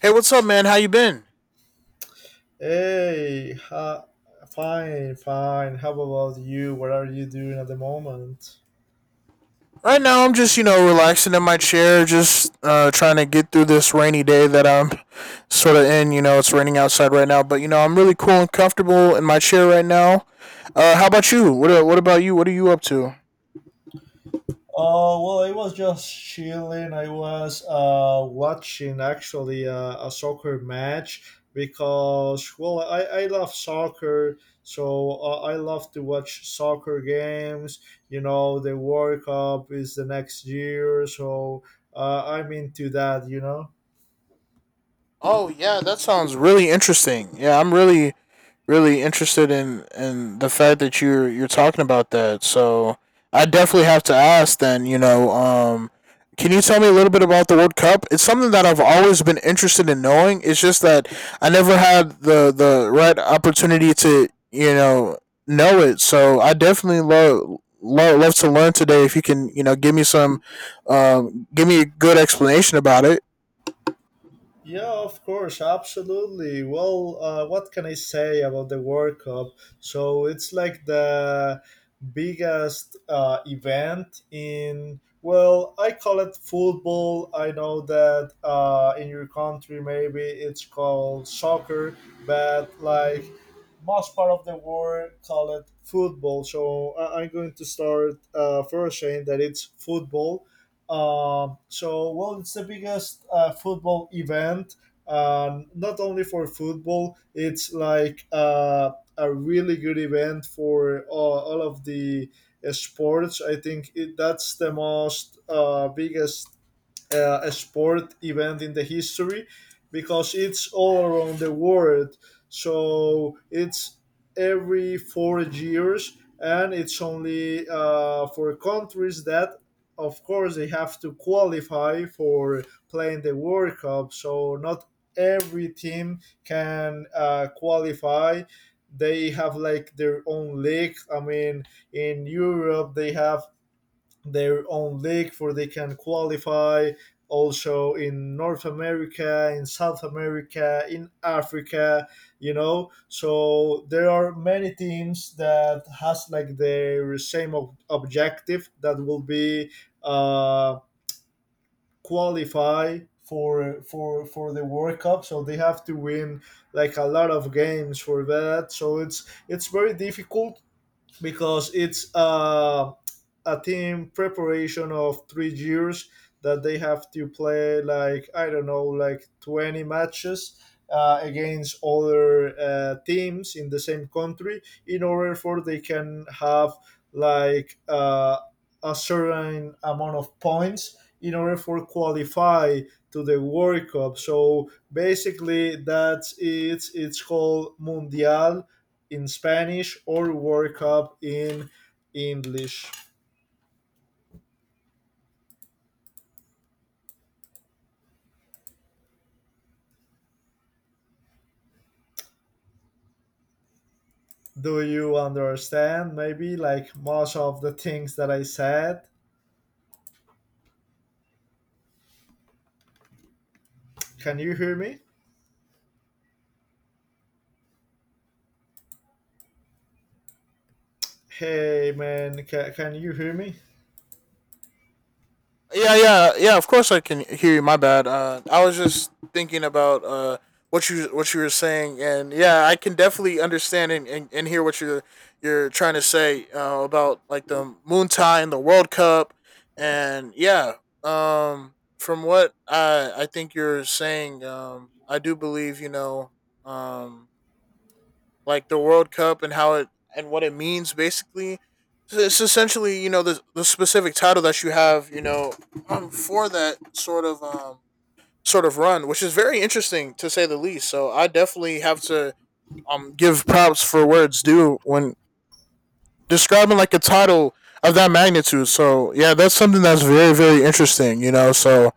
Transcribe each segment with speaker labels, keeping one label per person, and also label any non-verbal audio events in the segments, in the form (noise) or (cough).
Speaker 1: Hey, what's up, man? How you been?
Speaker 2: Hey, ha, fine, fine. How about you? What are you doing at the moment?
Speaker 1: Right now, I'm just relaxing in my chair, just trying to get through this rainy day that I'm sort of in. You know, it's raining outside right now, but you know I'm really cool and comfortable in my chair right now. How about you? What about you? What are you up to?
Speaker 2: Oh, well, I was just chilling. I was watching actually a soccer match because, well, I love soccer, so I love to watch soccer games. You know, the World Cup is the next year, so I'm into that, you know?
Speaker 1: Oh yeah, that sounds really interesting. Yeah, I'm really interested in the fact that you're talking about that. So I definitely have to ask. Then can you tell me a little bit about the World Cup? It's something that I've always been interested in knowing. It's just that I never had the right opportunity to know it. So I definitely Love, love to learn today if you can give me some give me a good explanation about it.
Speaker 2: Yeah, of course, absolutely. Well, what can I say about the World Cup? So it's like the biggest event in, well, I call it football. I know that in your country maybe it's called soccer, but like most part of the world call it football, so I'm going to start first saying that it's football. So well, it's the biggest football event. Not only for football, it's like a really good event for all of the sports. I think that's the most biggest a sport event in the history, because it's all around the world. So it's every 4 years, and it's only for countries that, of course, they have to qualify for playing the World Cup. So not every team can qualify. They have like their own league. I mean, in Europe, they have their own league for they can qualify, also in North America, in South America, in Africa, you know. So there are many teams that has like their same objective that will be uh, qualify for the World Cup, so they have to win like a lot of games for that. So it's very difficult because it's a team preparation of 3 years, that they have to play like, I don't know, like 20 matches against other teams in the same country in order for they can have like a certain amount of points in order for qualify to the World Cup. So basically that's it. It's called Mundial in Spanish, or work up in English. Do you understand maybe like most of the things that I said? Can you hear me? Hey man, can you hear me?
Speaker 1: Yeah, yeah, yeah. Of course, I can hear you. My bad. I was just thinking about what you were saying, and yeah, I can definitely understand and hear what you're trying to say about like the moon tie and the World Cup, and yeah, from what I think you're saying, I do believe um, like the World Cup and how it and what it means basically. So, it's essentially the specific title that you have for that sort of run, which is very interesting to say the least. So I definitely have to give props for where it's due when describing like a title of that magnitude. So yeah, that's something that's very interesting. You know, so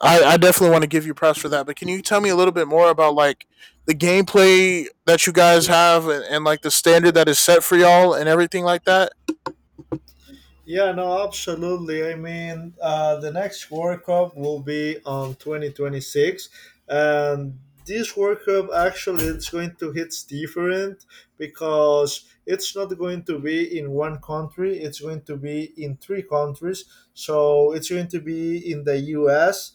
Speaker 1: I definitely want to give you props for that. But can you tell me a little bit more about like the gameplay that you guys have, and like the standard that is set for y'all and everything like that?
Speaker 2: Yeah, no, absolutely. I mean, the next World Cup will be on 2026, and this World Cup actually it's going to hit different because it's not going to be in one country. It's going to be in three countries. So it's going to be in the U.S.,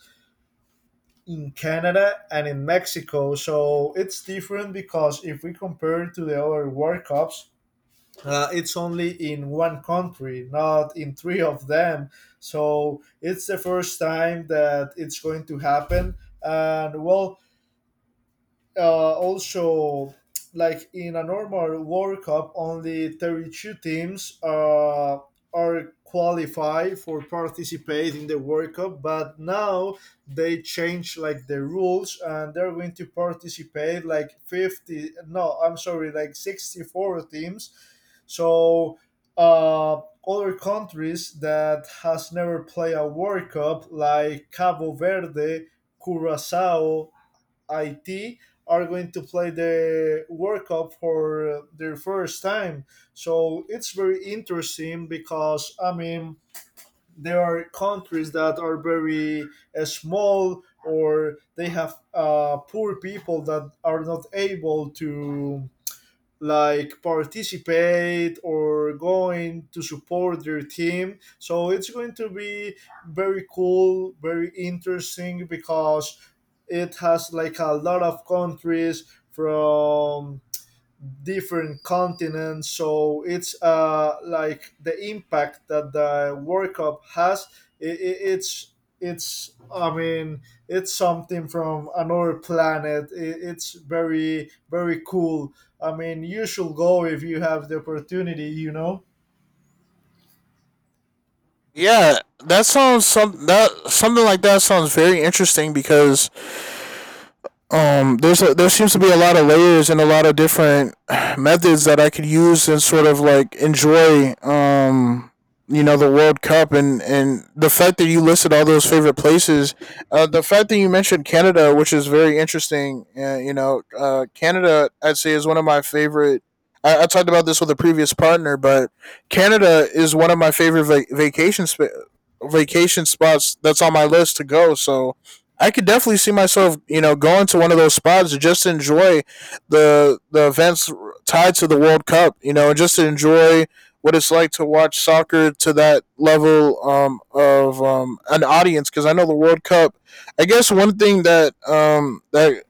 Speaker 2: in Canada, and in Mexico. So it's different because if we compare it to the other World Cups, it's only in one country, not in three of them. So it's the first time that it's going to happen. And well, also, like in a normal World Cup, only 32 teams are qualified for participate in the World Cup. But now they change like the rules, and they're going to participate like 50. No, I'm sorry, like 64 teams. So uh, other countries that has never played a World Cup, like Cabo Verde, Curacao, IT, are going to play the World Cup for their first time. So it's very interesting because, I mean, there are countries that are very small, or they have poor people that are not able to like participate or going to support their team, so it's going to be very cool, very interesting, because it has like a lot of countries from different continents. So it's like the impact that the World Cup has. It i it's it's, I mean, it's something from another planet. It's very very cool. I mean, you should go if you have the opportunity. You know.
Speaker 1: Yeah, that something like that sounds very interesting because there seems to be a lot of layers and a lot of different (sighs) methods that I could use and sort of like enjoy, you know the World Cup, and the fact that you listed all those favorite places, the fact that you mentioned Canada, which is very interesting. You know, Canada I'd say is one of my favorite. I talked about this with a previous partner, but Canada is one of my favorite vacation spots that's on my list to go. So I could definitely see myself, you know, going to one of those spots to just enjoy the events tied to the World Cup, you know, and just to enjoy what it's like to watch soccer to that level, of an audience. Because I know the World Cup. I guess one thing that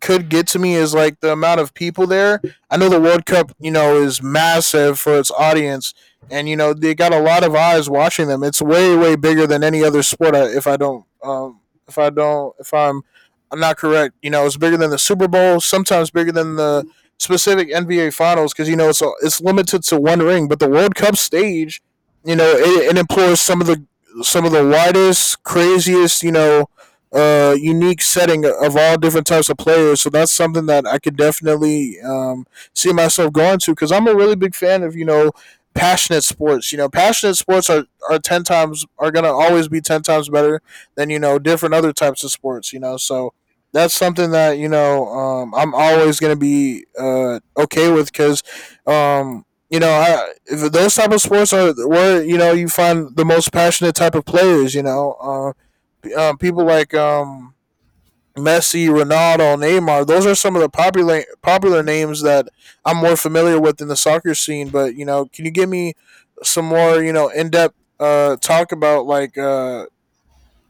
Speaker 1: could get to me is like the amount of people there. I know the World Cup, you
Speaker 2: Mhm.
Speaker 1: know, is massive for its audience, and you know they got a lot of eyes watching them. It's way bigger than any other sport. If I'm, I'm not correct. You know, it's bigger than the Super Bowl. Sometimes bigger than the specific NBA Finals because you know it's limited to one ring. But the World Cup stage, you know, it employs some of the widest, craziest, you know, unique setting of all different types of players. So that's something that I could definitely see myself going to because I'm a really big fan of you know passionate sports. You know, passionate sports are gonna always be ten times better than you know different other types of sports. You know, so that's something that you know I'm always gonna be okay with because. Um, you know, if those type of sports are where you know you find the most passionate type of players. You know, people like Messi, Ronaldo, Neymar. Those are some of the popular names that I'm more familiar with in the soccer scene. But you know, can you give me some more you know in depth talk about like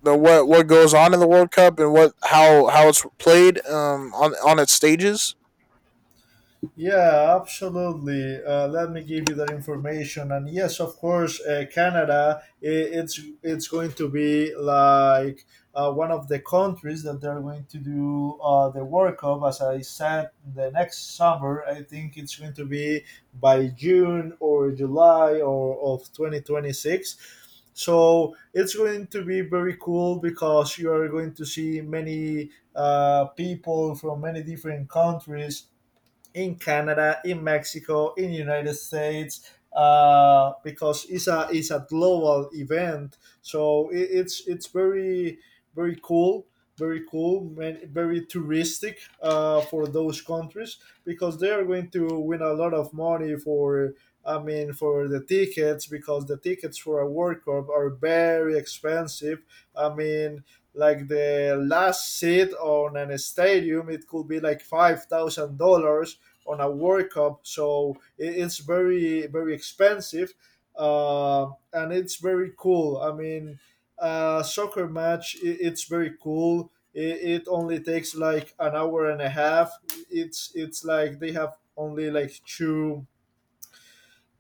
Speaker 1: the what goes on in the World Cup and what how it's played, on its stages?
Speaker 2: Yeah, absolutely. Let me give you that information. And yes, of course, Canada. It's going to be like one of the countries that they're going to do the World Cup. As I said, the next summer. I think it's going to be by June or July or of 2026. So it's going to be very cool because you are going to see many people from many different countries in Canada, in Mexico, in the United States, because it's a global event. So it's very very cool, very cool, very touristic for those countries because they are going to win a lot of money for. I mean, for the tickets, because the tickets for a World Cup are very expensive. I mean, like the last seat on an stadium, it could be like $5,000 on a World Cup, so it's very very expensive, uh, and it's very cool. I mean, soccer match, I it's very cool. It only takes like an hour and a half. It's like they have only like two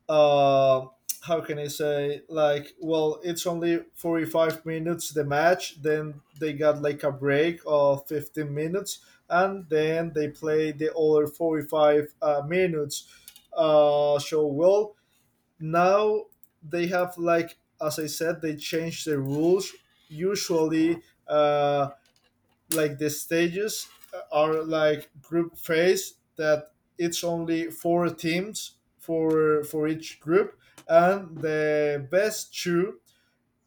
Speaker 2: uh, how can I say, like, well, it's only 45 minutes the match, then they got like a break of 15 minutes, and then they play the other 45 minutes. So well, now they have, like, as I said, they change the rules. Usually uh, like the stages are like group phase, that it's only four teams for each group, and the best two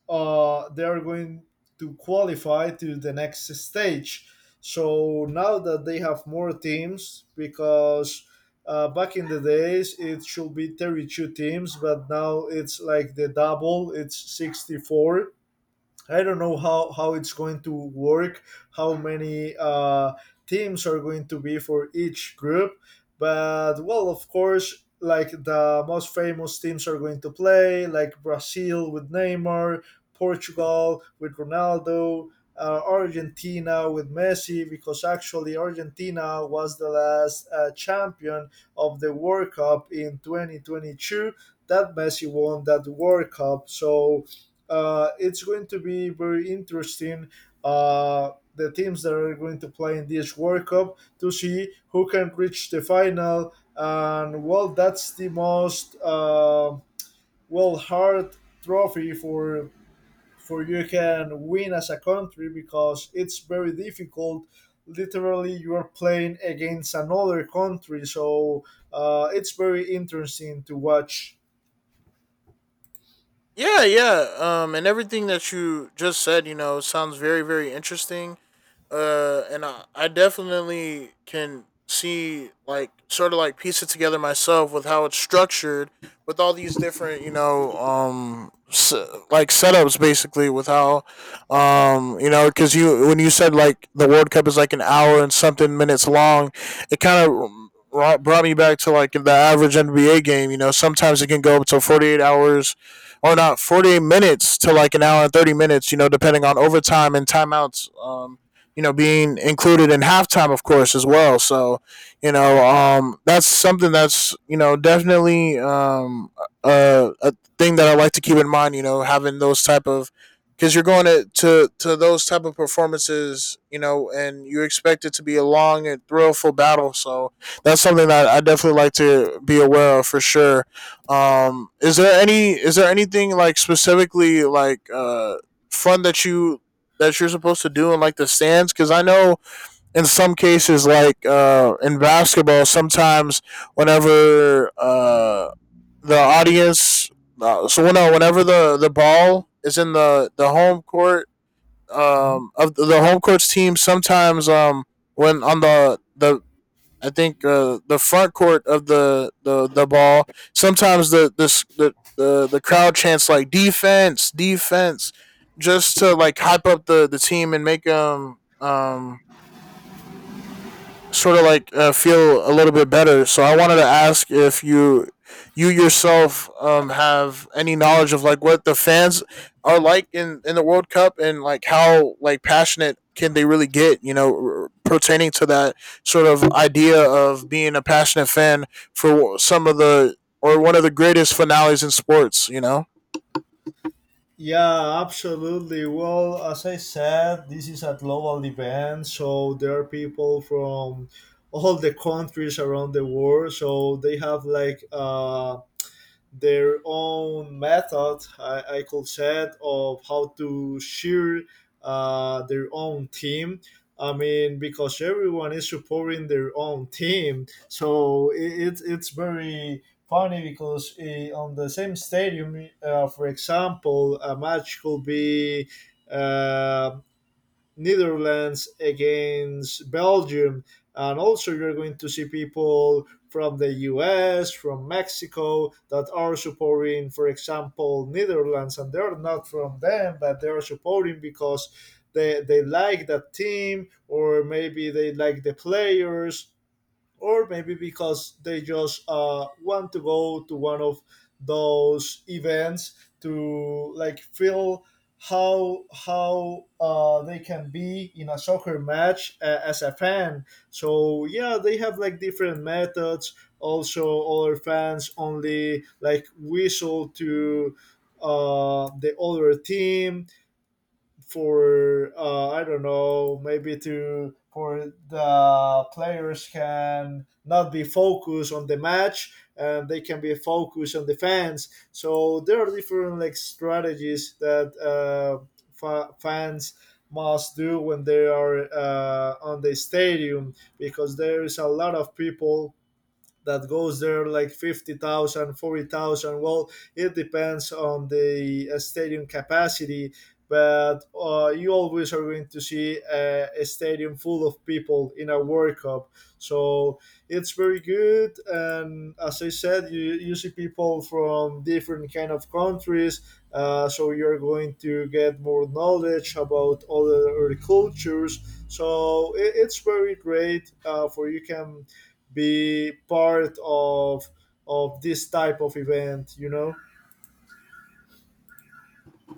Speaker 2: they are going to qualify to the next stage. So now that they have more teams because back in the days it should be 32 teams, but now it's like the double, it's 64. I don't know how it's going to work, how many teams are going to be for each group. But, well, of course, like the most famous teams are going to play, like Brazil with Neymar, Portugal with Ronaldo, Argentina with Messi, because actually Argentina was the last champion of the World Cup in 2022. That Messi won that World Cup. So, it's going to be very interesting. The teams that are going to play in this World Cup to see who can reach the final, and well, that's the most well, hard trophy for you can win as a country, because it's very difficult. Literally, you are playing against another country, so it's very interesting to watch.
Speaker 1: Yeah, yeah. And everything that you just said, you know, sounds very interesting. And I definitely can see like sort of like piece it together myself with how it's structured with all these different you know s like setups basically with how you know because you when you said like the world cup is like an hour and something minutes long, it kind of brought me back to like the average NBA game. You know, sometimes it can go up to 48 hours or not 48 minutes to like an hour and 30 minutes, you know, depending on overtime and timeouts, you know, being included in halftime, of course, as well. So, you know, that's something that's you know definitely a thing that I like to keep in mind. You know, having those type of because you're going to those type of performances, you know, and you expect it to be a long and thrillful battle. So that's something that I definitely like to be aware of for sure. Is there anything like specifically like fun that you that you're supposed to do in like the stands? Because I know in some cases, like in basketball, sometimes whenever the audience, so well, no, whenever the ball is in the home court,
Speaker 2: Mm-hmm.
Speaker 1: home court's team, sometimes when on the I think the front court of the ball. Sometimes the this the crowd chants like defense, defense, just to like hype up the team and make them feel a little bit better. So I wanted to ask if you yourself have any knowledge of like what the fans are like in the World Cup and like how like passionate can they really get? You know, pertaining to that sort of idea of being a passionate fan for some of the or one of the greatest finales in sports. You know.
Speaker 2: Yeah, absolutely. Well, as I said, this is a global event, so there are people from all the countries around the world. So they have like their own method, I could say, of how to share their own team. I mean, because everyone is supporting their own team, so it's very funny because on the same stadium, for example, a match could be uh, Netherlands against Belgium, and also you're going to see people from the US, from Mexico that are supporting, for example, Netherlands, and they're not from them, but they are supporting because they like that team, or maybe they like the players, or maybe because they just want to go to one of those events to like feel how they can be in a soccer match as a fan. So yeah, they have like different methods. Also, other fans only like whistle to the other team for I don't know, maybe to for the players can not be focused on the match, and they can be focused on the fans. So there are different like strategies that fans must do when they are on the stadium, because there is a lot of people that goes there, like 50,000, 40,000. Well, it depends on the stadium capacity, but you always are going to see a stadium full of people in a World Cup. So it's very good. And as I said, you see people from different kind of countries. So you're going to get more knowledge about other cultures. So it's very great. For you can be part of this type of event, you know.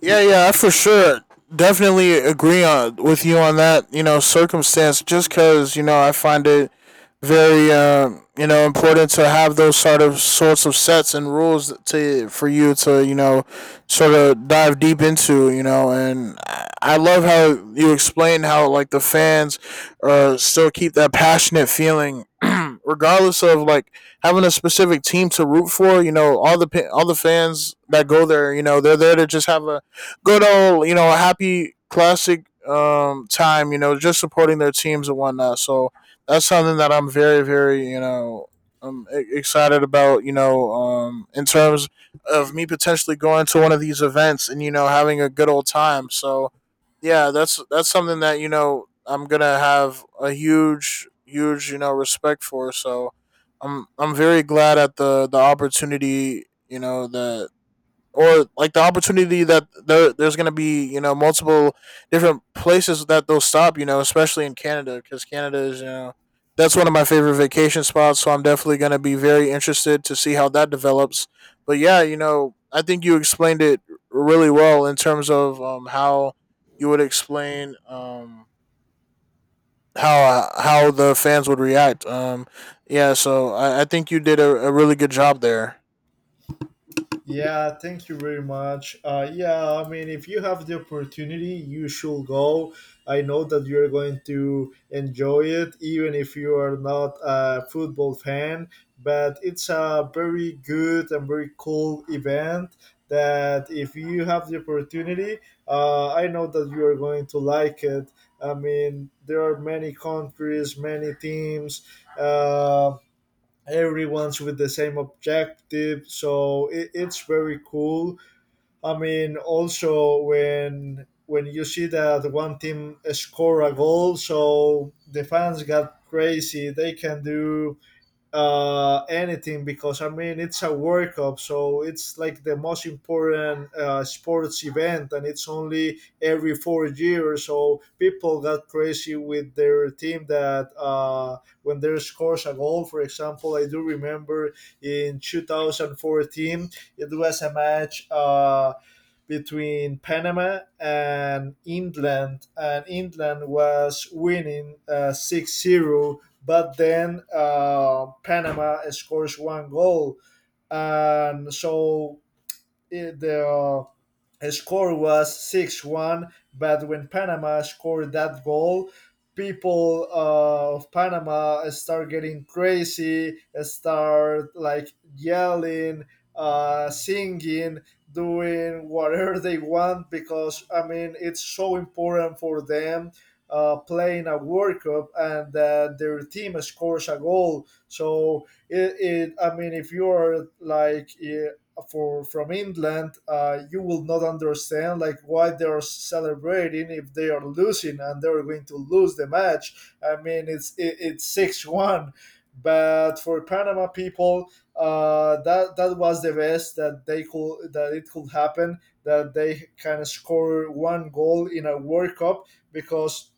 Speaker 1: Yeah, yeah, for sure. Definitely agree with you on that, you know, circumstance, just because, you know, I find it very, you know, important to have those sorts of sets and rules to for you to, you know, sort of dive deep into, you know, and I love how you explain how, like, the fans still keep that passionate feeling, regardless of like having a specific team to root for, you know, all the fans that go there, you know, they're there to just have a good old, you know, a happy classic time, you know, just supporting their teams and whatnot. So that's something that I'm you know, excited about, you know, in terms of me potentially going to one of these events and you know having a good old time. So yeah, that's something that you know I'm gonna have a huge you know respect for. So I'm very glad at the opportunity you know that or like the opportunity that there's going to be you know multiple different places that they'll stop, you know, especially in Canada, because Canada is you know that's one of my favorite vacation spots, so I'm definitely going to be very interested to see how that develops. But yeah, you know, I think you explained it really well in terms of how you would explain how the fans would react. Yeah, so I think you did a really good job there.
Speaker 2: Yeah, thank you very much. Yeah, I mean, if you have the opportunity, you should go. I know that you're going to enjoy it, even if you are not a football fan. But it's a very good and very cool event that, if you have the opportunity, I know that you are going to like it. I mean, there are many countries, many teams. Um, Everyone's with the same objective, so it's very cool. I mean, also when you see that one team score a goal, so the fans got crazy, they can do anything, because, I mean, it's a World Cup, so it's like the most important sports event, and it's only every 4 years. So people got crazy with their team, that when they scores a goal, for example, I do remember in 2014 it was a match. Between Panama and England was winning 6-0. But then Panama scores one goal, and so it, the score was 6-1, but when Panama scored that goal, people of Panama start getting crazy, start like yelling, singing, doing whatever (laughs) they want because I mean it's so important for them playing a World Cup and that their team scores a goal. So it I mean if you are like for from England, you will not understand like why they are celebrating if they are losing and they're going to lose the match. I mean, it's 6-1, but for Panama people, that was the best that they could that it could happen that they can score one goal in a World Cup because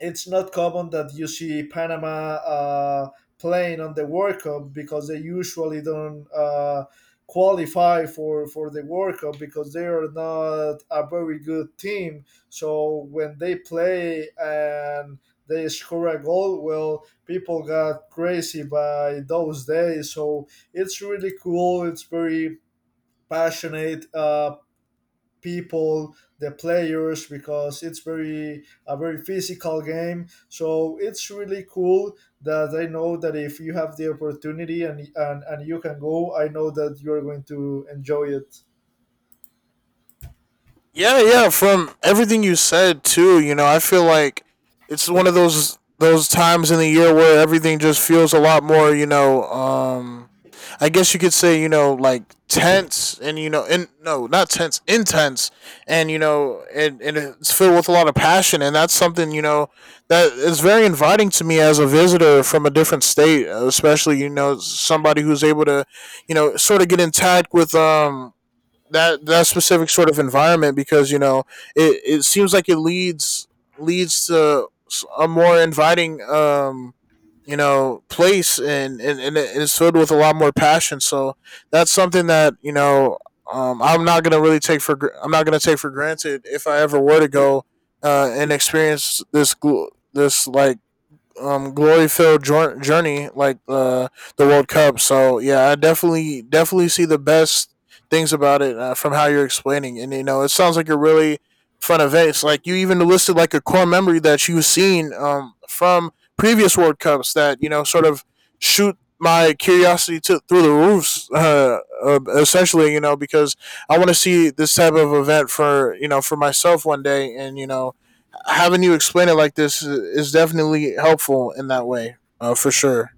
Speaker 2: it's not common that you see Panama playing on the World Cup because they usually don't. Qualify for the World Cup because they are not a very good team. So when they play and they score a goal, well, people got crazy by those days. So it's really cool. It's very passionate people the players because it's very a very physical game, so it's really cool that I know that if you have the opportunity and you can go, I know that you're going to enjoy it.
Speaker 1: Yeah, yeah. From everything you said too, you know, I feel like it's one of those times in the year where everything just feels a lot more, I guess you could say, tense and you know, and no, not tense, intense and you know, and it's filled with a lot of passion, and that's something, you know, that is very inviting to me as a visitor from a different state, especially, you know, somebody who's able to, you know, sort of get in touch with that specific sort of environment because you know it seems like it leads to a more inviting you know place, and and it's filled with a lot more passion. So that's something that you know I'm not gonna really take for, I'm not gonna take for granted if I ever were to go and experience this this like glory filled journey like the World Cup. So yeah, I definitely see the best things about it, from how you're explaining, and you know it sounds like a really fun event. It's like you even listed like a core memory that you've seen from previous World Cups that you know sort of shoot my curiosity to through the roofs (laughs) essentially you know because I want to see this type of event for you know for myself one day, and you know having you explain it like this is definitely helpful in that way, for sure.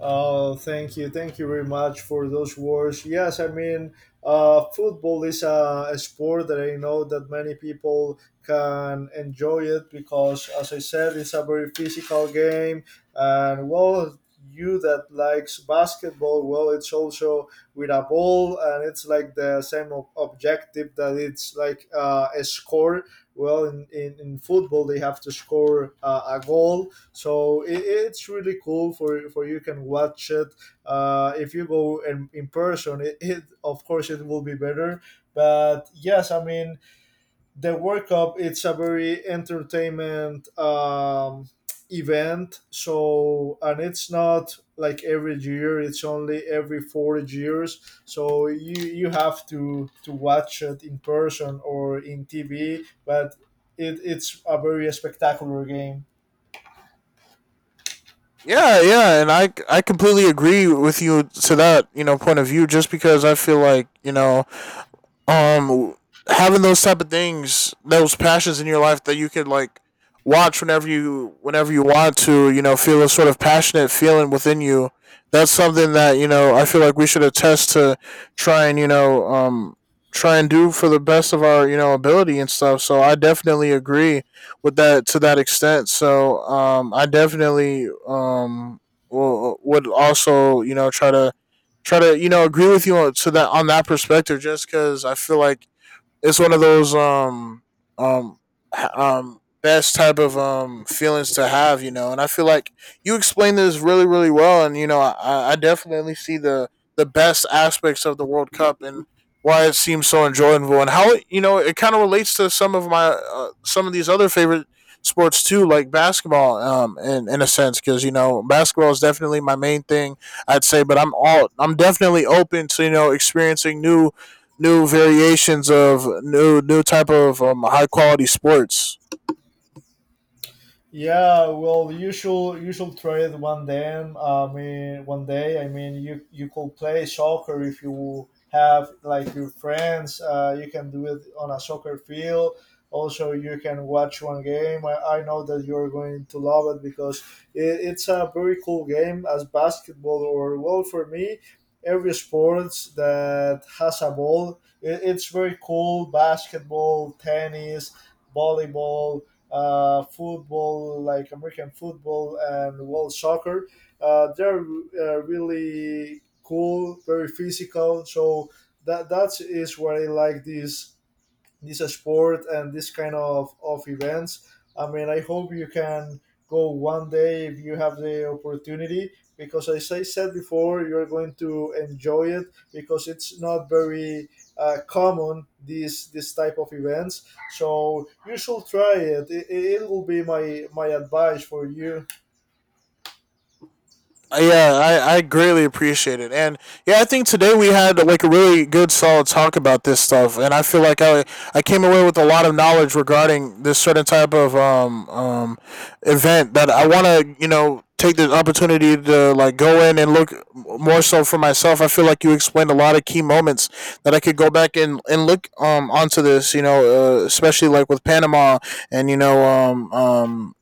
Speaker 2: Oh, thank you. Thank you very much for those words. Yes, I mean, football is a sport that I know that many people can enjoy it because, as I said, it's a very physical game. And, well, you that likes basketball, well, it's also with a ball and it's like the same objective that it's like a score. Well, in football, they have to score a goal, so it's really cool for you can watch it if you go in person it of course it will be better, but yes, I mean, the World Cup it's a very entertainment event. So, and it's not like every year, it's only every 4 years, so you have to watch it in person or in TV, but it's a very spectacular game.
Speaker 1: Yeah, yeah, and I completely agree with you to that you know point of view. Just because I feel like you know um having those type of things, those passions in your life that you could like watch whenever you, whenever you want to, you know, feel a sort of passionate feeling within you. That's something that, you know, I feel like we should attest to try and, try and do for the best of our, you know, ability and stuff. So I definitely agree with that to that extent. So I definitely would also, you know, try to try to you know agree with you on so, that on that perspective, just because I feel like it's one of those um best type of feelings to have, you know. And I feel like you explained this really well, and you know I definitely see the best aspects of the World Cup and why it seems so enjoyable and how it you know it kind of relates to some of my some of these other favorite sports too, like basketball, in a sense, because you know basketball is definitely my main thing I'd say, but I'm definitely open to you know experiencing new, new variations of new type of high quality sports.
Speaker 2: Yeah, well, you should try it one day. I mean, one day. I mean, you could play soccer if you have like your friends. You can do it on a soccer field. Also, you can watch one game. I know that you're going to love it because it's a very cool game as basketball or, well, for me, every sports that has a ball. It's very cool. Basketball, tennis, volleyball, football, like American football and world soccer. They're really cool, very physical. So that is where I like this sport and this kind of events. I mean, I hope you can go one day if you have the opportunity, because as I said before, you're going to enjoy it because it's not very common these this type of events. So you should try it. It will be my advice for you.
Speaker 1: Yeah, I greatly appreciate it. And yeah, I think today we had like a really good solid talk about this stuff, and I feel like I came away with a lot of knowledge regarding this certain type of event that I want to, you know, take the opportunity to like go in and look more so for myself. I feel like you explained a lot of key moments that I could go back and look onto this, you know, especially like with Panama, and you know um um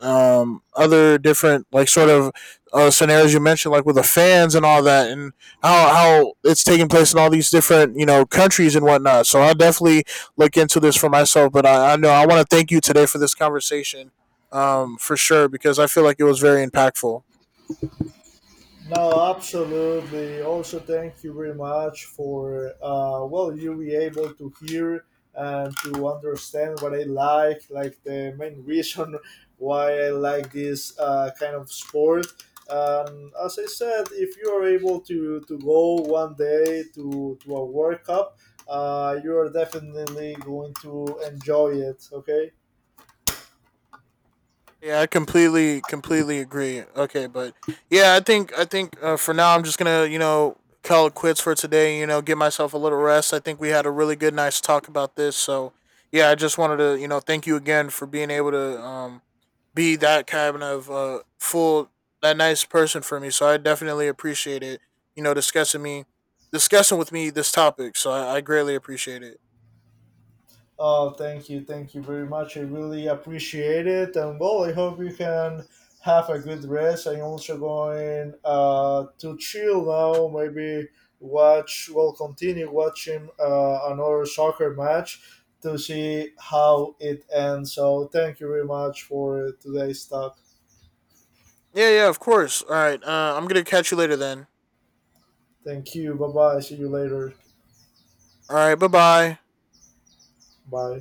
Speaker 1: um other different like sort of scenarios you mentioned, like with the fans and all that, and how it's taking place in all these different you know countries and whatnot. So I'll definitely look into this for myself. But I know I want to thank you today for this conversation, for sure, because I feel like it was very impactful.
Speaker 2: No, absolutely. Also, thank you very much for well, you be able to hear and to understand what I like the main reason (laughs) why I like this kind of sport. As I said, if you are able to go one day to a World Cup, you are definitely going to enjoy it. Okay.
Speaker 1: Yeah, I completely agree. Okay, but yeah, I think I think for now I'm just gonna you know call it quits for today. You know, give myself a little rest. I think we had a really good nice talk about this. So yeah, I just wanted to you know thank you again for being able to be that kind of full that nice person for me. So I definitely appreciate it. You know, discussing with me this topic. So I greatly appreciate it.
Speaker 2: Oh, thank you very much. I really appreciate it, and well, I hope you can have a good rest. I'm also going to chill now. Maybe watch, well, continue watching another soccer match to see how it ends. So, thank you very much for today's talk.
Speaker 1: Yeah, yeah, of course. All right, I'm gonna catch you later then.
Speaker 2: Thank you. Bye bye. See you later.
Speaker 1: All right, bye bye.
Speaker 2: Bye.